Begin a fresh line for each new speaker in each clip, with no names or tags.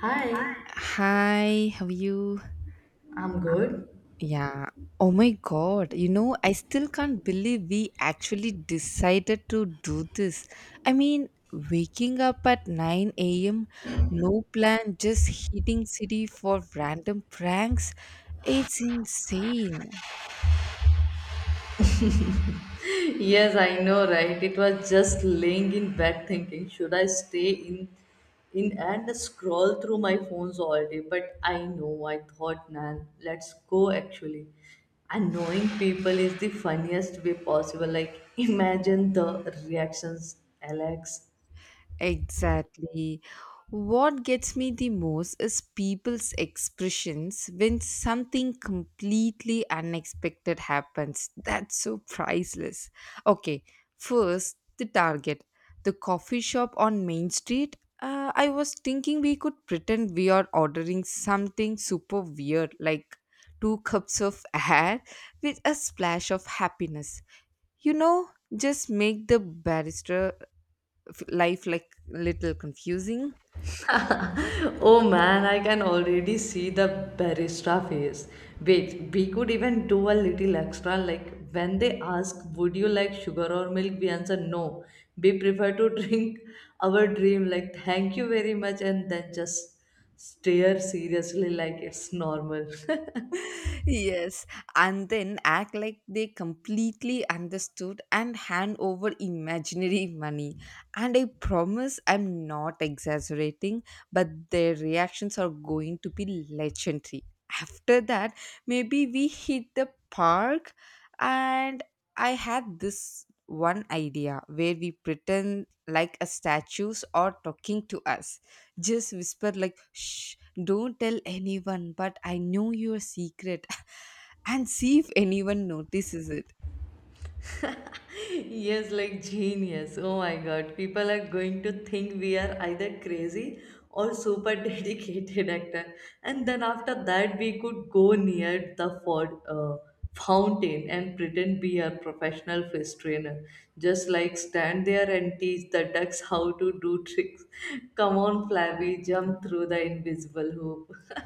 Hi,
Hi, how are you?
I'm good.
Yeah. Oh my god, I still can't believe we actually decided to do this. I mean, waking up at 9 a.m., no plan, just hitting city for random pranks. It's insane.
Yes, I know, right? It was just laying in bed thinking, should I stay in and scroll through my phones all day? But I know, I thought, man, let's go actually. Annoying people is the funniest way possible. Like, imagine the reactions, Alex.
Exactly. What gets me the most is people's expressions when something completely unexpected happens. That's so priceless. Okay, first, the target, the coffee shop on Main Street. I was thinking we could pretend we are ordering something super weird, like two cups of air with a splash of happiness. You know, just make the barrister life like little confusing.
Oh man, I can already see the barista face. Wait, we could even do a little extra like when they ask, would you like sugar or milk? We answer no. We prefer to drink our dream, like thank you very much, and then just stare seriously like it's normal.
Yes, and then act like they completely understood and hand over imaginary money. And I promise I'm not exaggerating, but their reactions are going to be legendary. After that, maybe we hit the park. And I had this one idea where we pretend like a statues are talking to us. Just whisper like, shh, don't tell anyone, but I know your secret, and see if anyone notices it.
Yes, like genius. Oh my God. People are going to think we are either crazy or super dedicated actor. And then after that, we could go near the fountain and pretend we are professional fish trainer. Just like stand there and teach the ducks how to do tricks. Come on, Flappy, jump through the invisible hoop.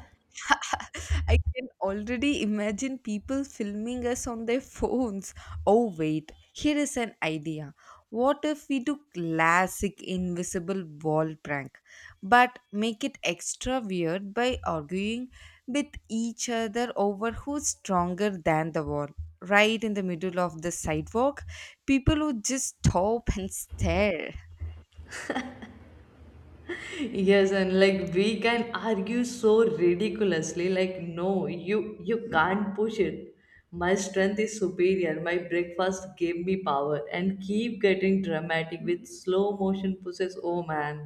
I can already imagine people filming us on their phones. Oh, wait, here is an idea. What if we do classic invisible wall prank, but make it extra weird by arguing with each other over who's stronger than the wall? Right in the middle of the sidewalk, people would just stop and stare.
Yes, and like we can argue so ridiculously like, no, you can't push it. My strength is superior, my breakfast gave me power, and keep getting dramatic with slow motion pushes. Oh man,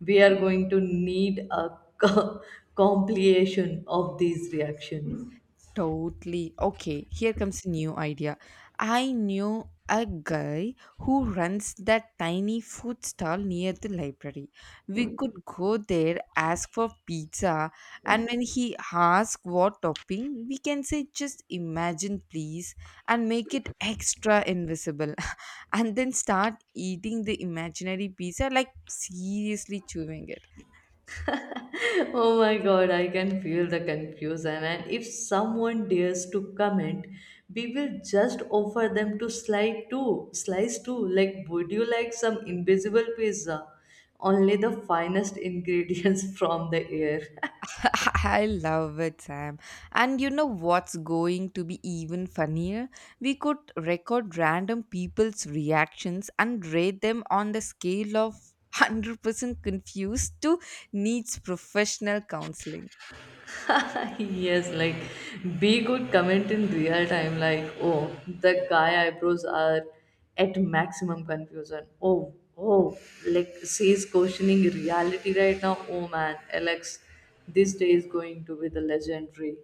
we are going to need a compilation of these reactions.
Totally. Okay, here comes a new idea. I knew a guy who runs that tiny food stall near the library. We could go there, ask for pizza, and when he asks what topping, we can say just imagine please and make it extra invisible, and then start eating the imaginary pizza like seriously chewing it.
Oh my god, I can feel the confusion. And if someone dares to comment, we will just offer them to slide too. Slice too. Like, would you like some invisible pizza? Only the finest ingredients from the air.
I love it, Sam. And you know what's going to be even funnier? We could record random people's reactions and rate them on the scale of 100% confused to needs professional counseling.
Yes, like B could comment in real time like, oh, the guy eyebrows are at maximum confusion. Oh, oh, like she's questioning reality right now. Oh man, Alex, this day is going to be the legendary.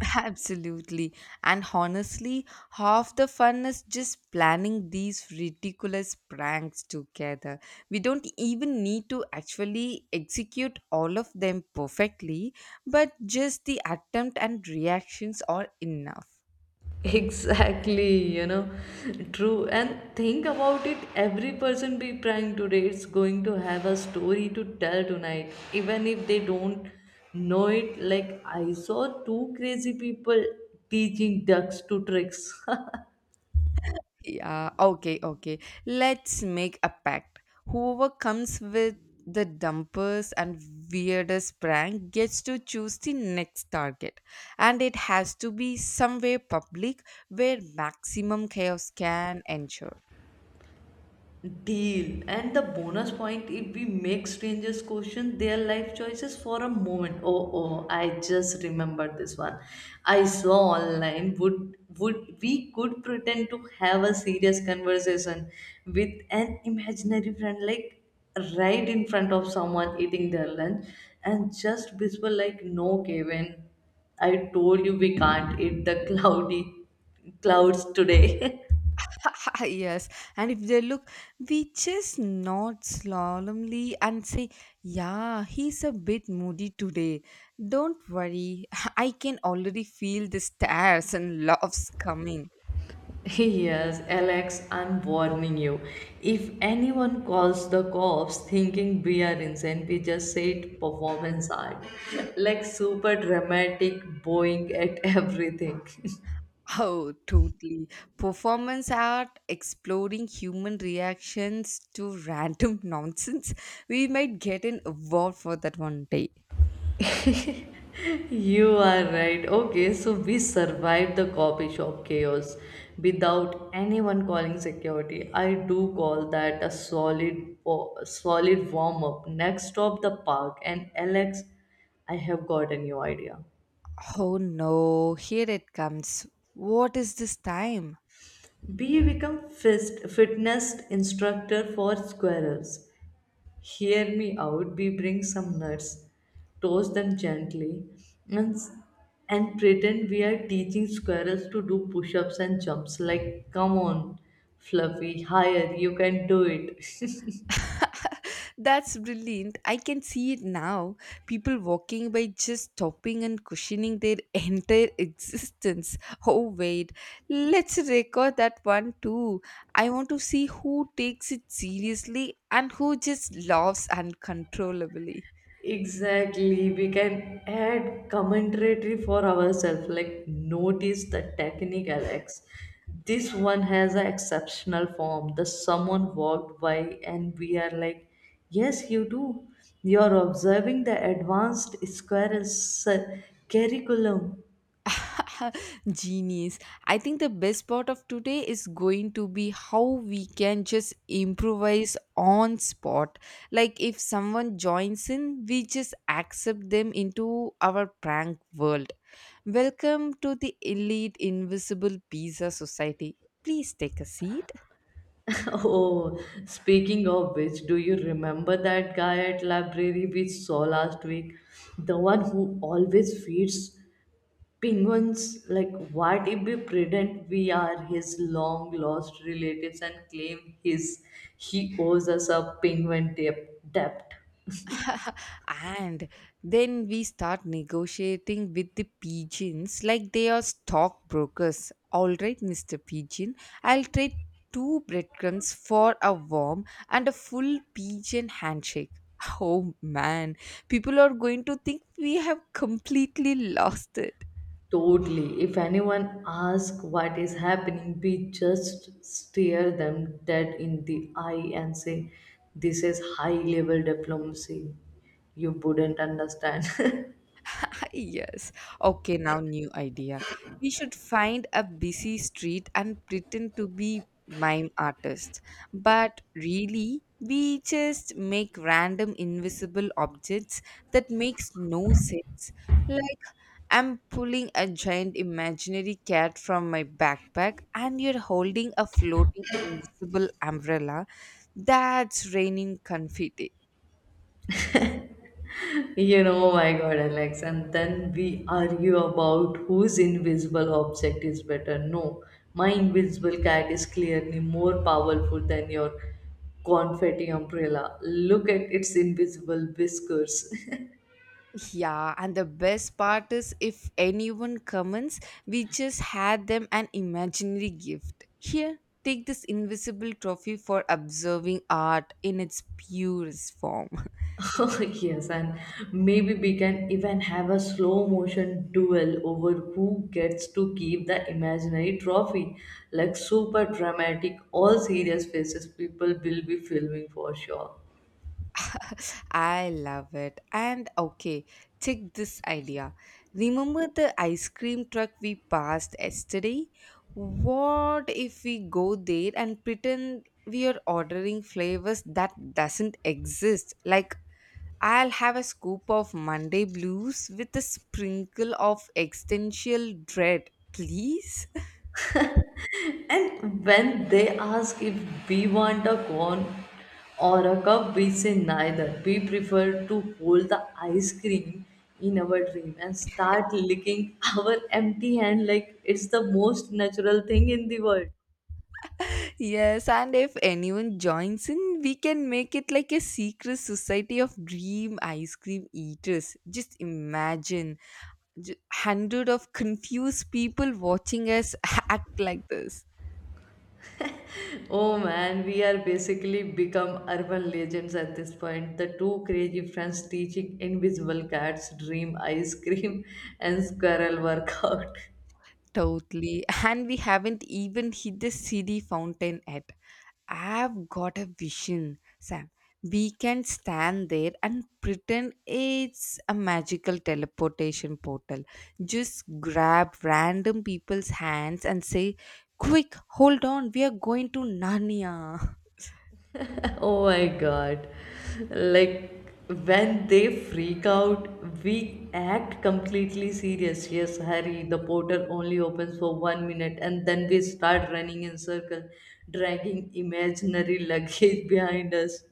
Absolutely. And honestly, half the fun is just planning these ridiculous pranks together. We don't even need to actually execute all of them perfectly, but just the attempt and reactions are enough.
Exactly, you know, true. And think about it, every person we prank today is going to have a story to tell tonight, even if they don't know it. Like, I saw two crazy people teaching ducks to tricks.
Yeah, okay, okay. Let's make a pact. Whoever comes with the dumpers and weirdest prank gets to choose the next target. And it has to be somewhere public where maximum chaos can ensure.
Deal. And the bonus point if we make strangers question their life choices for a moment. Oh, oh, I just remembered this one. I saw online would we could pretend to have a serious conversation with an imaginary friend, like right in front of someone eating their lunch, and just whisper like, no Kevin, I told you we can't eat the cloudy clouds today.
Yes, and if they look, we just nod solemnly and say, yeah, he's a bit moody today. Don't worry, I can already feel the stares and laughs coming.
Yes, Alex, I'm warning you. If anyone calls the cops thinking we are insane, we just say it performance art. Like super dramatic, bowing at everything.
Oh, totally. Performance art exploring human reactions to random nonsense. We might get an award for that one day.
You are right. Okay, so we survived the coffee shop chaos without anyone calling security. I do call that a solid warm up. Next stop, the park. And Alex, I have got a new idea.
Oh no, here it comes. What is this time?
Bee become fist, fitness instructor for squirrels. Hear me out. Bee bring some nuts, toast them gently, and pretend we are teaching squirrels to do push-ups and jumps. Like, come on, Fluffy, higher, you can do it.
That's brilliant. I can see it now. People walking by just stopping and cushioning their entire existence. Oh, wait. Let's record that one too. I want to see who takes it seriously and who just laughs uncontrollably.
Exactly, we can add commentary for ourselves. Like, notice the technique, Alex. This one has an exceptional form. The someone walked by, and we are like, yes, you do. You're observing the advanced curriculum.
Genius. I think the best part of today is going to be how we can just improvise on spot. Like if someone joins in, we just accept them into our prank world. Welcome to the elite invisible pizza society. Please take a seat.
Oh, speaking of which, do you remember that guy at library we saw last week? The one who always feeds penguins, like, what if we pretend we are his long lost relatives and claim his he owes us a penguin debt? Debt?
And then we start negotiating with the pigeons like they are stockbrokers. All right, Mr. Pigeon, I'll trade two breadcrumbs for a worm and a full pigeon handshake. Oh man, people are going to think we have completely lost it.
Totally. If anyone asks what is happening, we just stare them dead in the eye and say, this is high level diplomacy. You wouldn't understand.
Yes. Okay, now new idea. We should find a busy street and pretend to be mime artists. But really, we just make random invisible objects that makes no sense. Like I'm pulling a giant imaginary cat from my backpack and you're holding a floating invisible umbrella that's raining confetti.
You know, oh my God, Alex. And then we argue about whose invisible object is better. No, my invisible cat is clearly more powerful than your confetti umbrella. Look at its invisible whiskers.
Yeah, and the best part is if anyone comments, we just had them an imaginary gift. Here, take this invisible trophy for observing art in its purest form.
Oh, yes, and maybe we can even have a slow motion duel over who gets to keep the imaginary trophy. Like super dramatic, all serious faces, people will be filming for sure.
I love it. And okay, check this idea. Remember the ice cream truck we passed yesterday? What if we go there and pretend we are ordering flavors that doesn't exist, like I'll have a scoop of Monday blues with a sprinkle of existential dread, please.
And when they ask if we want a cone or a cup, we say neither. We prefer to hold the ice cream in our dream and start licking our empty hand like it's the most natural thing in the world.
Yes, and if anyone joins in, we can make it like a secret society of dream ice cream eaters. Just imagine hundred of confused people watching us act like this.
Oh man, we are basically become urban legends at this point. The two crazy friends teaching invisible cats, dream ice cream, and squirrel workout.
Totally. And we haven't even hit the city fountain yet. I've got a vision, Sam. We can stand there and pretend it's a magical teleportation portal. Just grab random people's hands and say, quick, hold on, we are going to Narnia.
Oh my god. Like when they freak out, we act completely serious. Yes, Harry, the portal only opens for 1 minute, and then we start running in circle, dragging imaginary luggage behind us.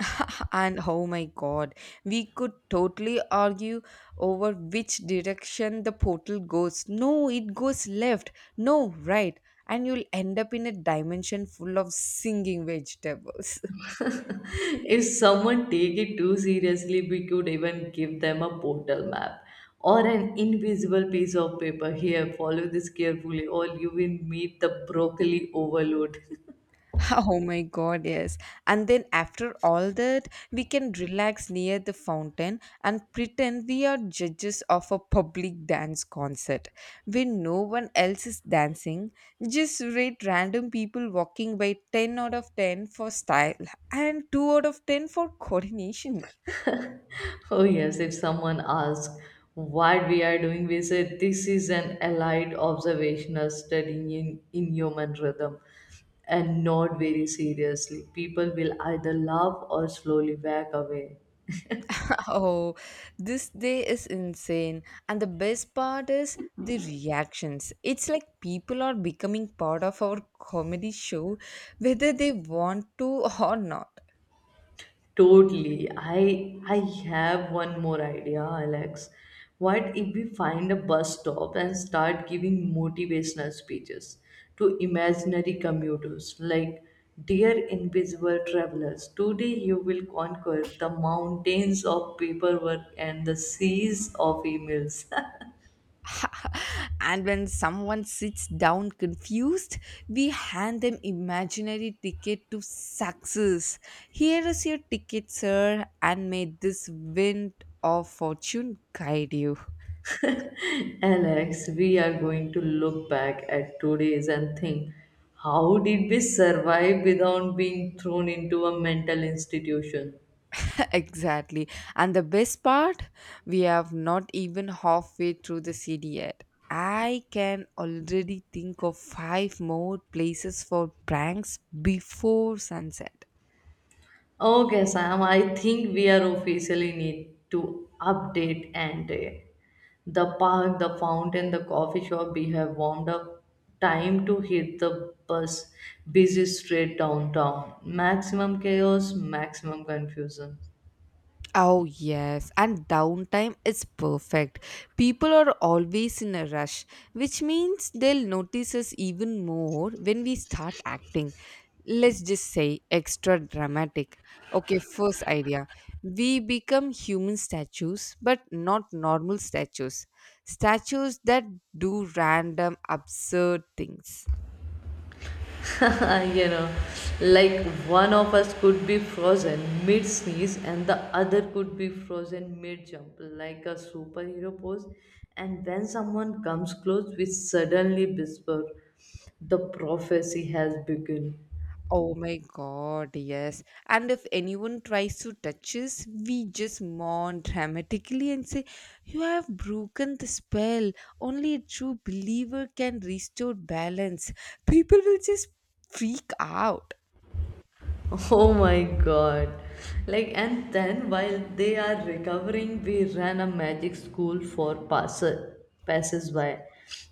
And oh my god, we could totally argue over which direction the portal goes. No, it goes left. No, right. And you'll end up in a dimension full of singing vegetables.
If someone take it too seriously, we could even give them a portal map or an invisible piece of paper. Here, follow this carefully or you will meet the broccoli overload.
Oh my god, yes. And then after all that, we can relax near the fountain and pretend we are judges of a public dance concert where no one else is dancing. Just rate random people walking by 10 out of 10 for style and 2 out of 10 for coordination.
Oh, yes, if someone asks what we are doing, we say this is an allied observational study in human rhythm and not very seriously. People will either laugh or slowly back away.
Oh, this day is insane. And the best part is the reactions. It's like people are becoming part of our comedy show, whether they want to or not.
Totally. I have one more idea, Alex. What if we find a bus stop and start giving motivational speeches to imaginary commuters, like, dear invisible travelers, today you will conquer the mountains of paperwork and the seas of emails.
And when someone sits down confused, we hand them imaginary ticket to success. Here is your ticket, sir, and may this wind of fortune guide you.
Alex, we are going to look back at today's and think, how did we survive without being thrown into a mental institution?
Exactly. And the best part, we have not even halfway through the city yet. I can already think of five more places for pranks before sunset.
Okay, Sam, I think we are officially need to update and the park, the fountain, the coffee shop we have warmed up. Time to hit the busy street downtown. Maximum chaos, maximum confusion.
Oh, yes, and downtime is perfect. People are always in a rush, which means they'll notice us even more when we start acting. Let's just say extra dramatic. Okay, first idea. We become human statues, but not normal statues. Statues that do random, absurd things.
You know, like one of us could be frozen mid sneeze and the other could be frozen mid jump, like a superhero pose. And when someone comes close, we suddenly whisper, the prophecy has begun.
Oh my god, yes. And if anyone tries to touch us, we just mourn dramatically and say, you have broken the spell. Only a true believer can restore balance. People will just freak out.
Oh my god. Like, and then while they are recovering, we ran a magic school for passes by.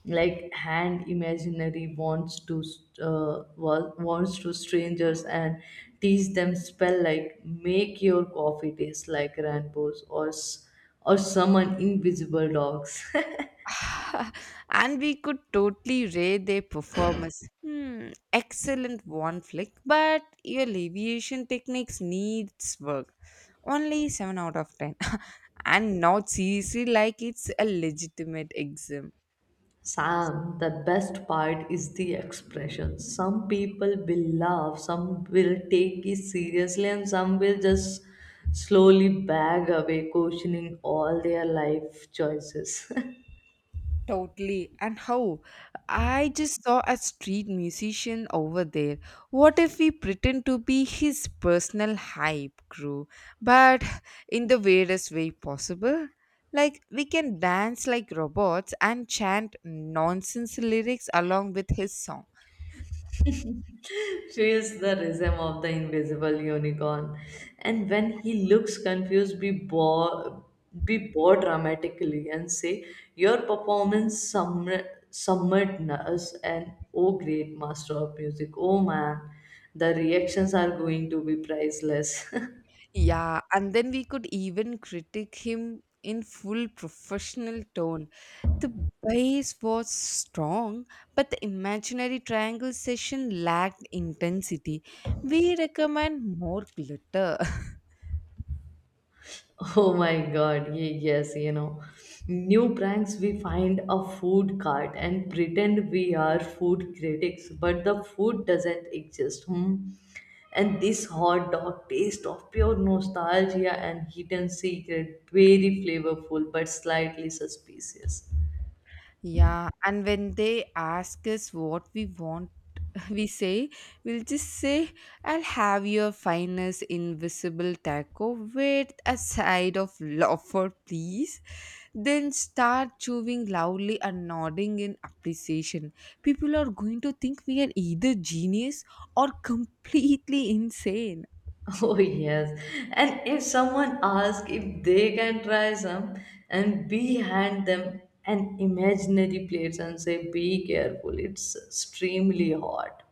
Like, hand imaginary wants to wants to strangers and teach them spell like make your coffee taste like rainbows or summon invisible dogs.
And we could totally rate their performance. Hmm, excellent one flick, but your aviation techniques needs work. Only 7 out of 10. And not seriously like it's a legitimate exam.
Sam, the best part is the expression. Some people will laugh, some will take it seriously, and some will just slowly back away, questioning all their life choices.
Totally. And how? I just saw a street musician over there. What if we pretend to be his personal hype crew, but in the weirdest way possible? Like, we can dance like robots and chant nonsense lyrics along with his song.
She is the rhythm of the invisible unicorn. And when he looks confused, be bored dramatically and say, your summoned us an oh great master of music. Oh man, the reactions are going to be priceless.
Yeah, and then we could even critique him in full professional tone. The base was strong, but the imaginary triangle session lacked intensity. We recommend more glitter.
Oh my god, yes, you know. New pranks, we find a food cart and pretend we are food critics, but the food doesn't exist. Hmm? And this hot dog taste of pure nostalgia and hidden secret, very flavorful but slightly suspicious.
Yeah, and when they ask us what we want, we say, we'll just say, I'll have your finest invisible taco with a side of loafer, please. Then start chewing loudly and nodding in appreciation. People are going to think we are either genius or completely insane.
Oh, yes. And if someone asks if they can try some, and we hand them an imaginary plate and say, be careful, it's extremely hot.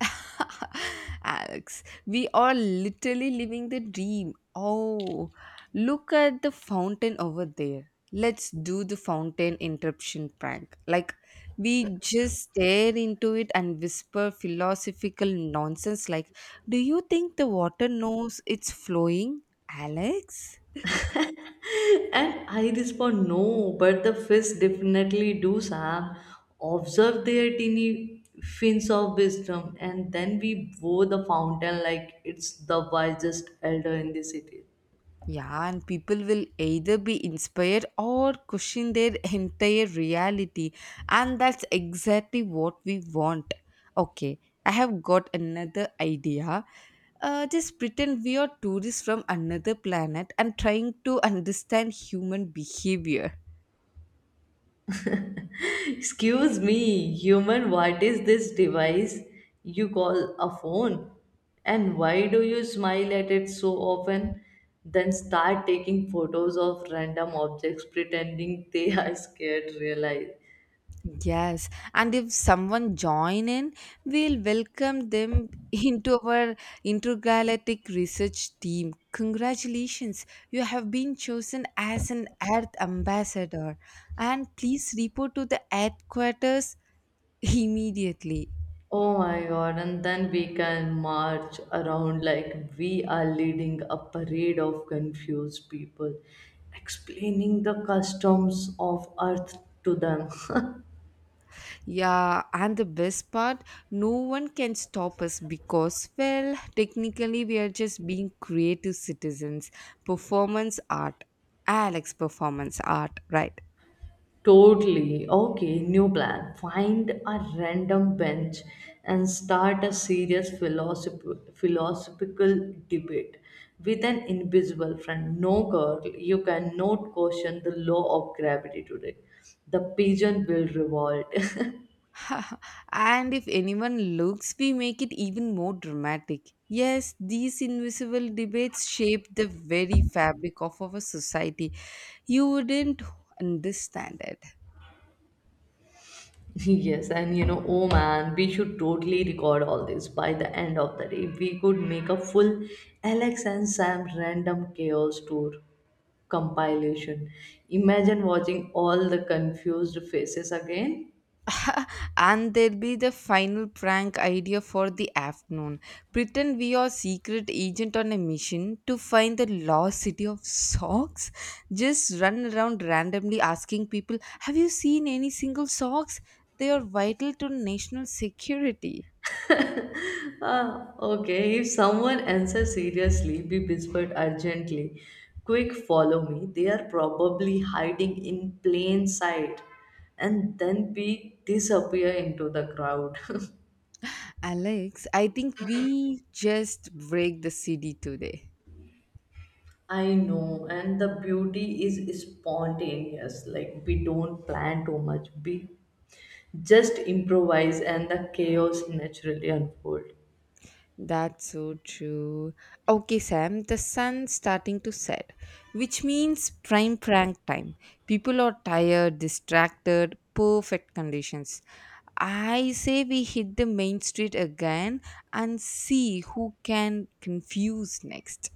Alex, we are literally living the dream. Oh, look at the fountain over there. Let's do the fountain interruption prank. Like, we just stare into it and whisper philosophical nonsense like, do you think the water knows it's flowing, Alex?
And I respond, no, but the fish definitely do, Sam. Observe their teeny fins of wisdom, and then we bow the fountain like it's the wisest elder in the city.
Yeah, and people will either be inspired or question their entire reality, and that's exactly what we want. Okay, I have got another idea. Just pretend we are tourists from another planet and trying to understand human behavior.
Excuse me, human, what is this device you call a phone? And why do you smile at it so often? Then start taking photos of random objects pretending they are scared, realize.
Yes, and if someone join in, we'll welcome them into our intergalactic research team. Congratulations, you have been chosen as an Earth ambassador, and please report to the Earth quarters immediately.
Oh my god, and then we can march around like we are leading a parade of confused people, explaining the customs of Earth to them.
Yeah, and the best part, no one can stop us because, well, technically, we are just being creative citizens. Performance art, Alex, performance art, right?
Totally. Okay, new plan. Find a random bench and start a serious philosophical debate with an invisible friend. No girl, you cannot question the law of gravity today. The pigeon will revolt.
And if anyone looks, we make it even more dramatic. Yes, these invisible debates shape the very fabric of our society. You wouldn't understand it.
Yes, and you know, oh man, we should totally record all this by the end of the day. We could make a full Alex and Sam random chaos tour compilation. Imagine watching all the confused faces again.
And there'll be the final prank idea for the afternoon. Pretend we are secret agent on a mission to find the lost city of socks. Just run around randomly asking people, "Have you seen any single socks? They are vital to national security."
Ah, okay, if someone answers seriously, we whispered urgently, quick, follow me. They are probably hiding in plain sight. And then we disappear into the crowd.
Alex, I think we just break the CD today.
I know, and the beauty is spontaneous. Like, we don't plan too much, we just improvise, and the chaos naturally unfolds.
That's so true. Okay, Sam, the sun's starting to set, which means prime prank time. People are tired, distracted, perfect conditions. I say we hit the main street again and see who can confuse next.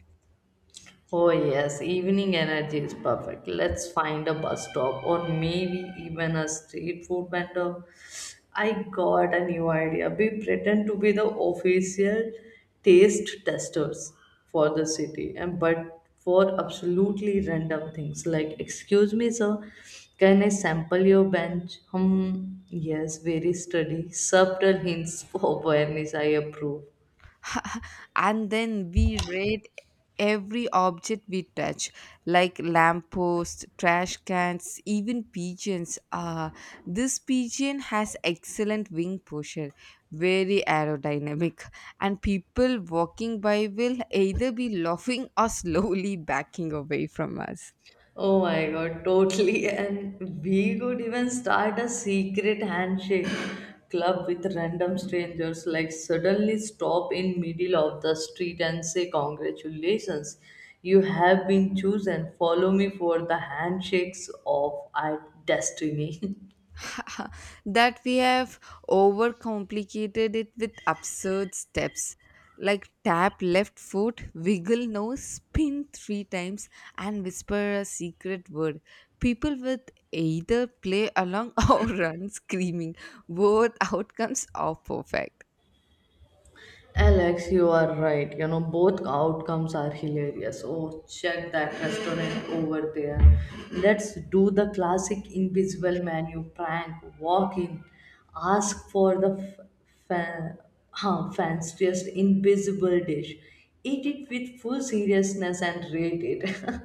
Oh, yes, evening energy is perfect. Let's find a bus stop or maybe even a street food vendor. I got a new idea. We pretend to be the official taste testers for the city, and but for absolutely random things, like excuse me sir, can I sample your bench? Hmm, yes, very sturdy, subtle hints for awareness, I approve.
And then we rate every object we touch, like lampposts, trash cans, even pigeons. This pigeon has excellent wing posture, very aerodynamic, and people walking by will either be laughing or slowly backing away from us.
Oh my god, totally. And we could even start a secret handshake club with random strangers, like suddenly stop in middle of the street and say congratulations. You have been chosen. Follow me for the handshakes of our destiny.
That we have overcomplicated it with absurd steps, like tap left foot, wiggle nose, spin three times, and whisper a secret word. People with either play along or run screaming. Both outcomes are perfect.
Alex, you are right. You know, both outcomes are hilarious. Oh, check that restaurant over there. Let's do the classic invisible menu prank. Walk in, ask for the fa- fanciest invisible dish. Eat it with full seriousness and rate it.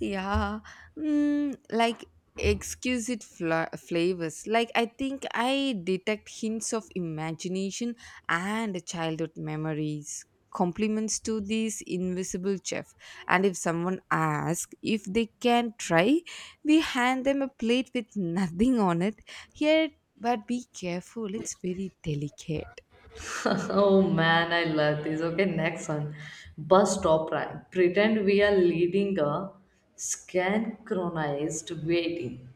Yeah, like exquisite flavors. Like I think I detect hints of imagination and childhood memories. Compliments to this invisible chef. And if someone asks if they can try, we hand them a plate with nothing on it. Here, but be careful, it's very delicate.
Oh man, I love this. Okay, next one. Bus stop prank. Pretend we are leading a synchronized waiting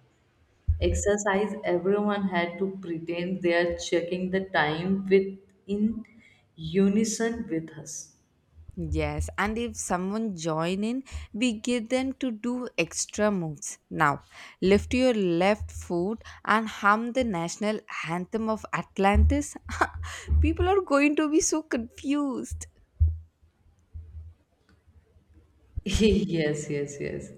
exercise, everyone had to pretend they are checking the time with in unison with us.
Yes, and if someone join in, we get them to do extra moves. Now, lift your left foot and hum the national anthem of Atlantis. People are going to be so confused.
Yes, yes, yes.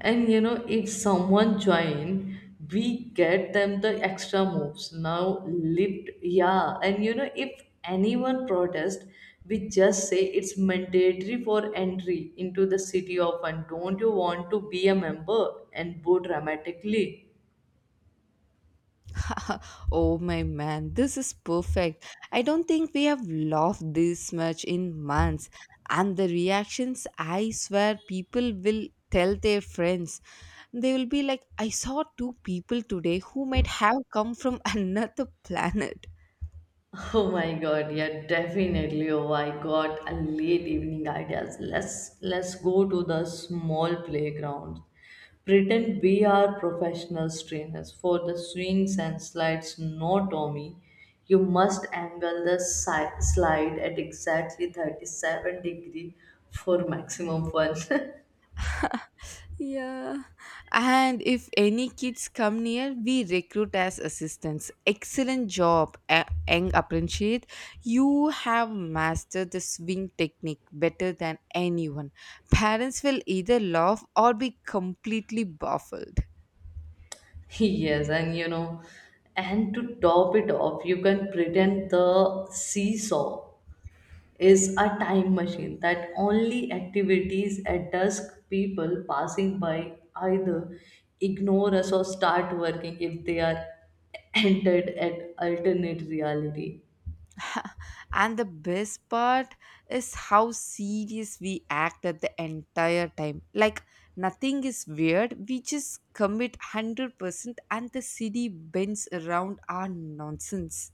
And you know, if someone join, we get them the extra moves. Now lift, yeah. And you know, if anyone protest, we just say it's mandatory for entry into the city of one. Don't you want to be a member? And boo dramatically.
Oh my man, this is perfect. I don't think we have laughed this much in months. And the reactions, I swear, people will tell their friends. They will be like, I saw two people today who might have come from another planet.
Oh my god, yeah, definitely. Oh, I got a late evening ideas. Let's go to the small playground. Pretend we are professional trainers for the swings and slides. No, Tommy, you must angle the slide at exactly 37 degree for maximum fun.
Yeah. And if any kids come near, we recruit as assistants. Excellent job, young apprentiate. You have mastered the swing technique better than anyone. Parents will either laugh or be completely baffled.
Yes, and you know, and to top it off, you can pretend the seesaw is a time machine that only activities at dusk, people passing by either ignore us or start working if they are entered at alternate reality.
And the best part is how serious we act at the entire time. Like nothing is weird. We just commit 100% and the city bends around our nonsense.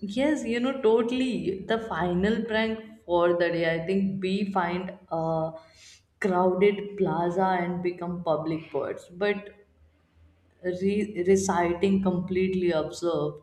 Yes, you know, totally. The final prank for the day, I think we find a crowded plaza and become public birds. But reciting completely observed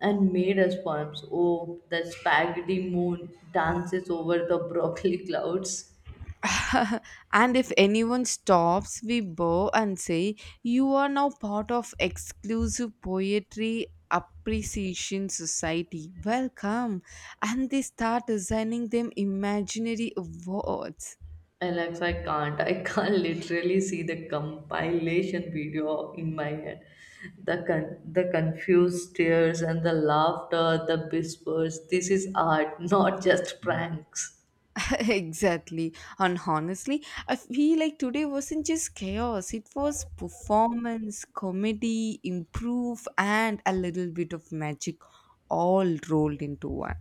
and made as poems. Oh, the spaghetti moon dances over the broccoli clouds.
And if anyone stops, we bow and say, you are now part of exclusive poetry appreciation society. Welcome. And they start assigning them imaginary awards.
Alex, I can't. I can't literally see the compilation video in my head. The confused stares and the laughter, the whispers. This is art, not just pranks.
Exactly. And honestly, I feel like today wasn't just chaos, it was performance, comedy, improve, and a little bit of magic all rolled into one.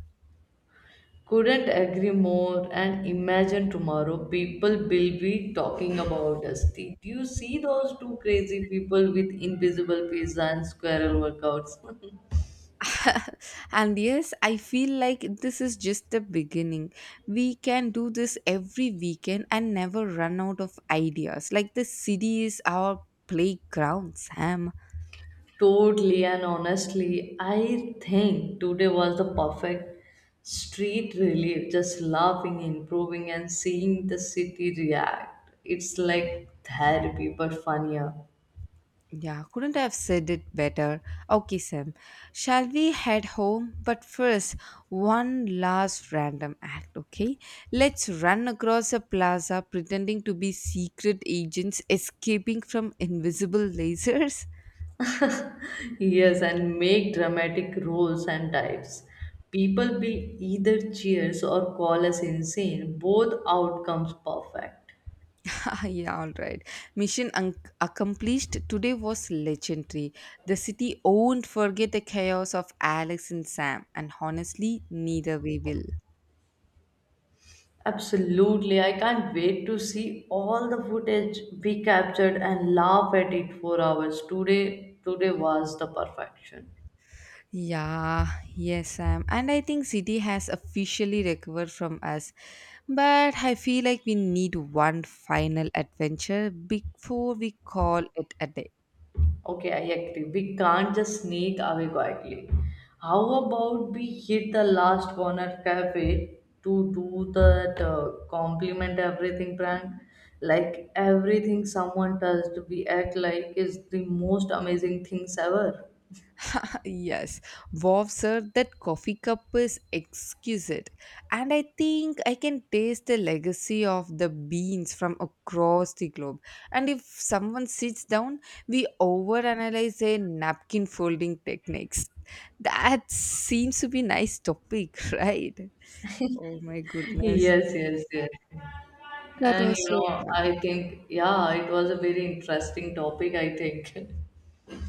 Couldn't agree more, and imagine tomorrow people will be talking about us. Did you see those two crazy people with invisible pizza and squirrel workouts?
And yes, I feel like this is just the beginning. We can do this every weekend and never run out of ideas. Like the city is our playground, Sam.
Totally, and honestly, I think today was the perfect street relief, just laughing, improving, and seeing the city react. It's like therapy but funnier.
Yeah, couldn't have said it better. Okay, Sam, shall we head home? But first, one last random act, okay? Let's run across a plaza pretending to be secret agents escaping from invisible lasers.
Yes, and make dramatic roles and types. People will either cheers or call us insane. Both outcomes perfect.
Yeah, alright. Mission accomplished. Today was legendary. The city won't forget the chaos of Alex and Sam, and honestly, neither we will.
Absolutely, I can't wait to see all the footage we captured and laugh at it for hours. Today, today was the perfection.
Yeah, yes, Sam. And I think city has officially recovered from us. But I feel like we need one final adventure before we call it a day.
Okay, I agree. We can't just sneak away quietly. How about we hit the last corner cafe to do that compliment everything prank? Like everything someone touched, we act like it's the most amazing things ever.
Yes, wow, sir, that coffee cup is exquisite. And I think I can taste the legacy of the beans from across the globe. And if someone sits down, we overanalyze a napkin folding techniques. That seems to be nice topic, right? Oh my goodness.
Yes, yes, yes.
That
And
was
you
so
know,
fun.
I think, yeah, it was a very interesting topic, I think.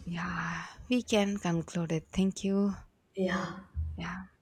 Yeah, we can conclude it. Thank you.
Yeah.
Yeah.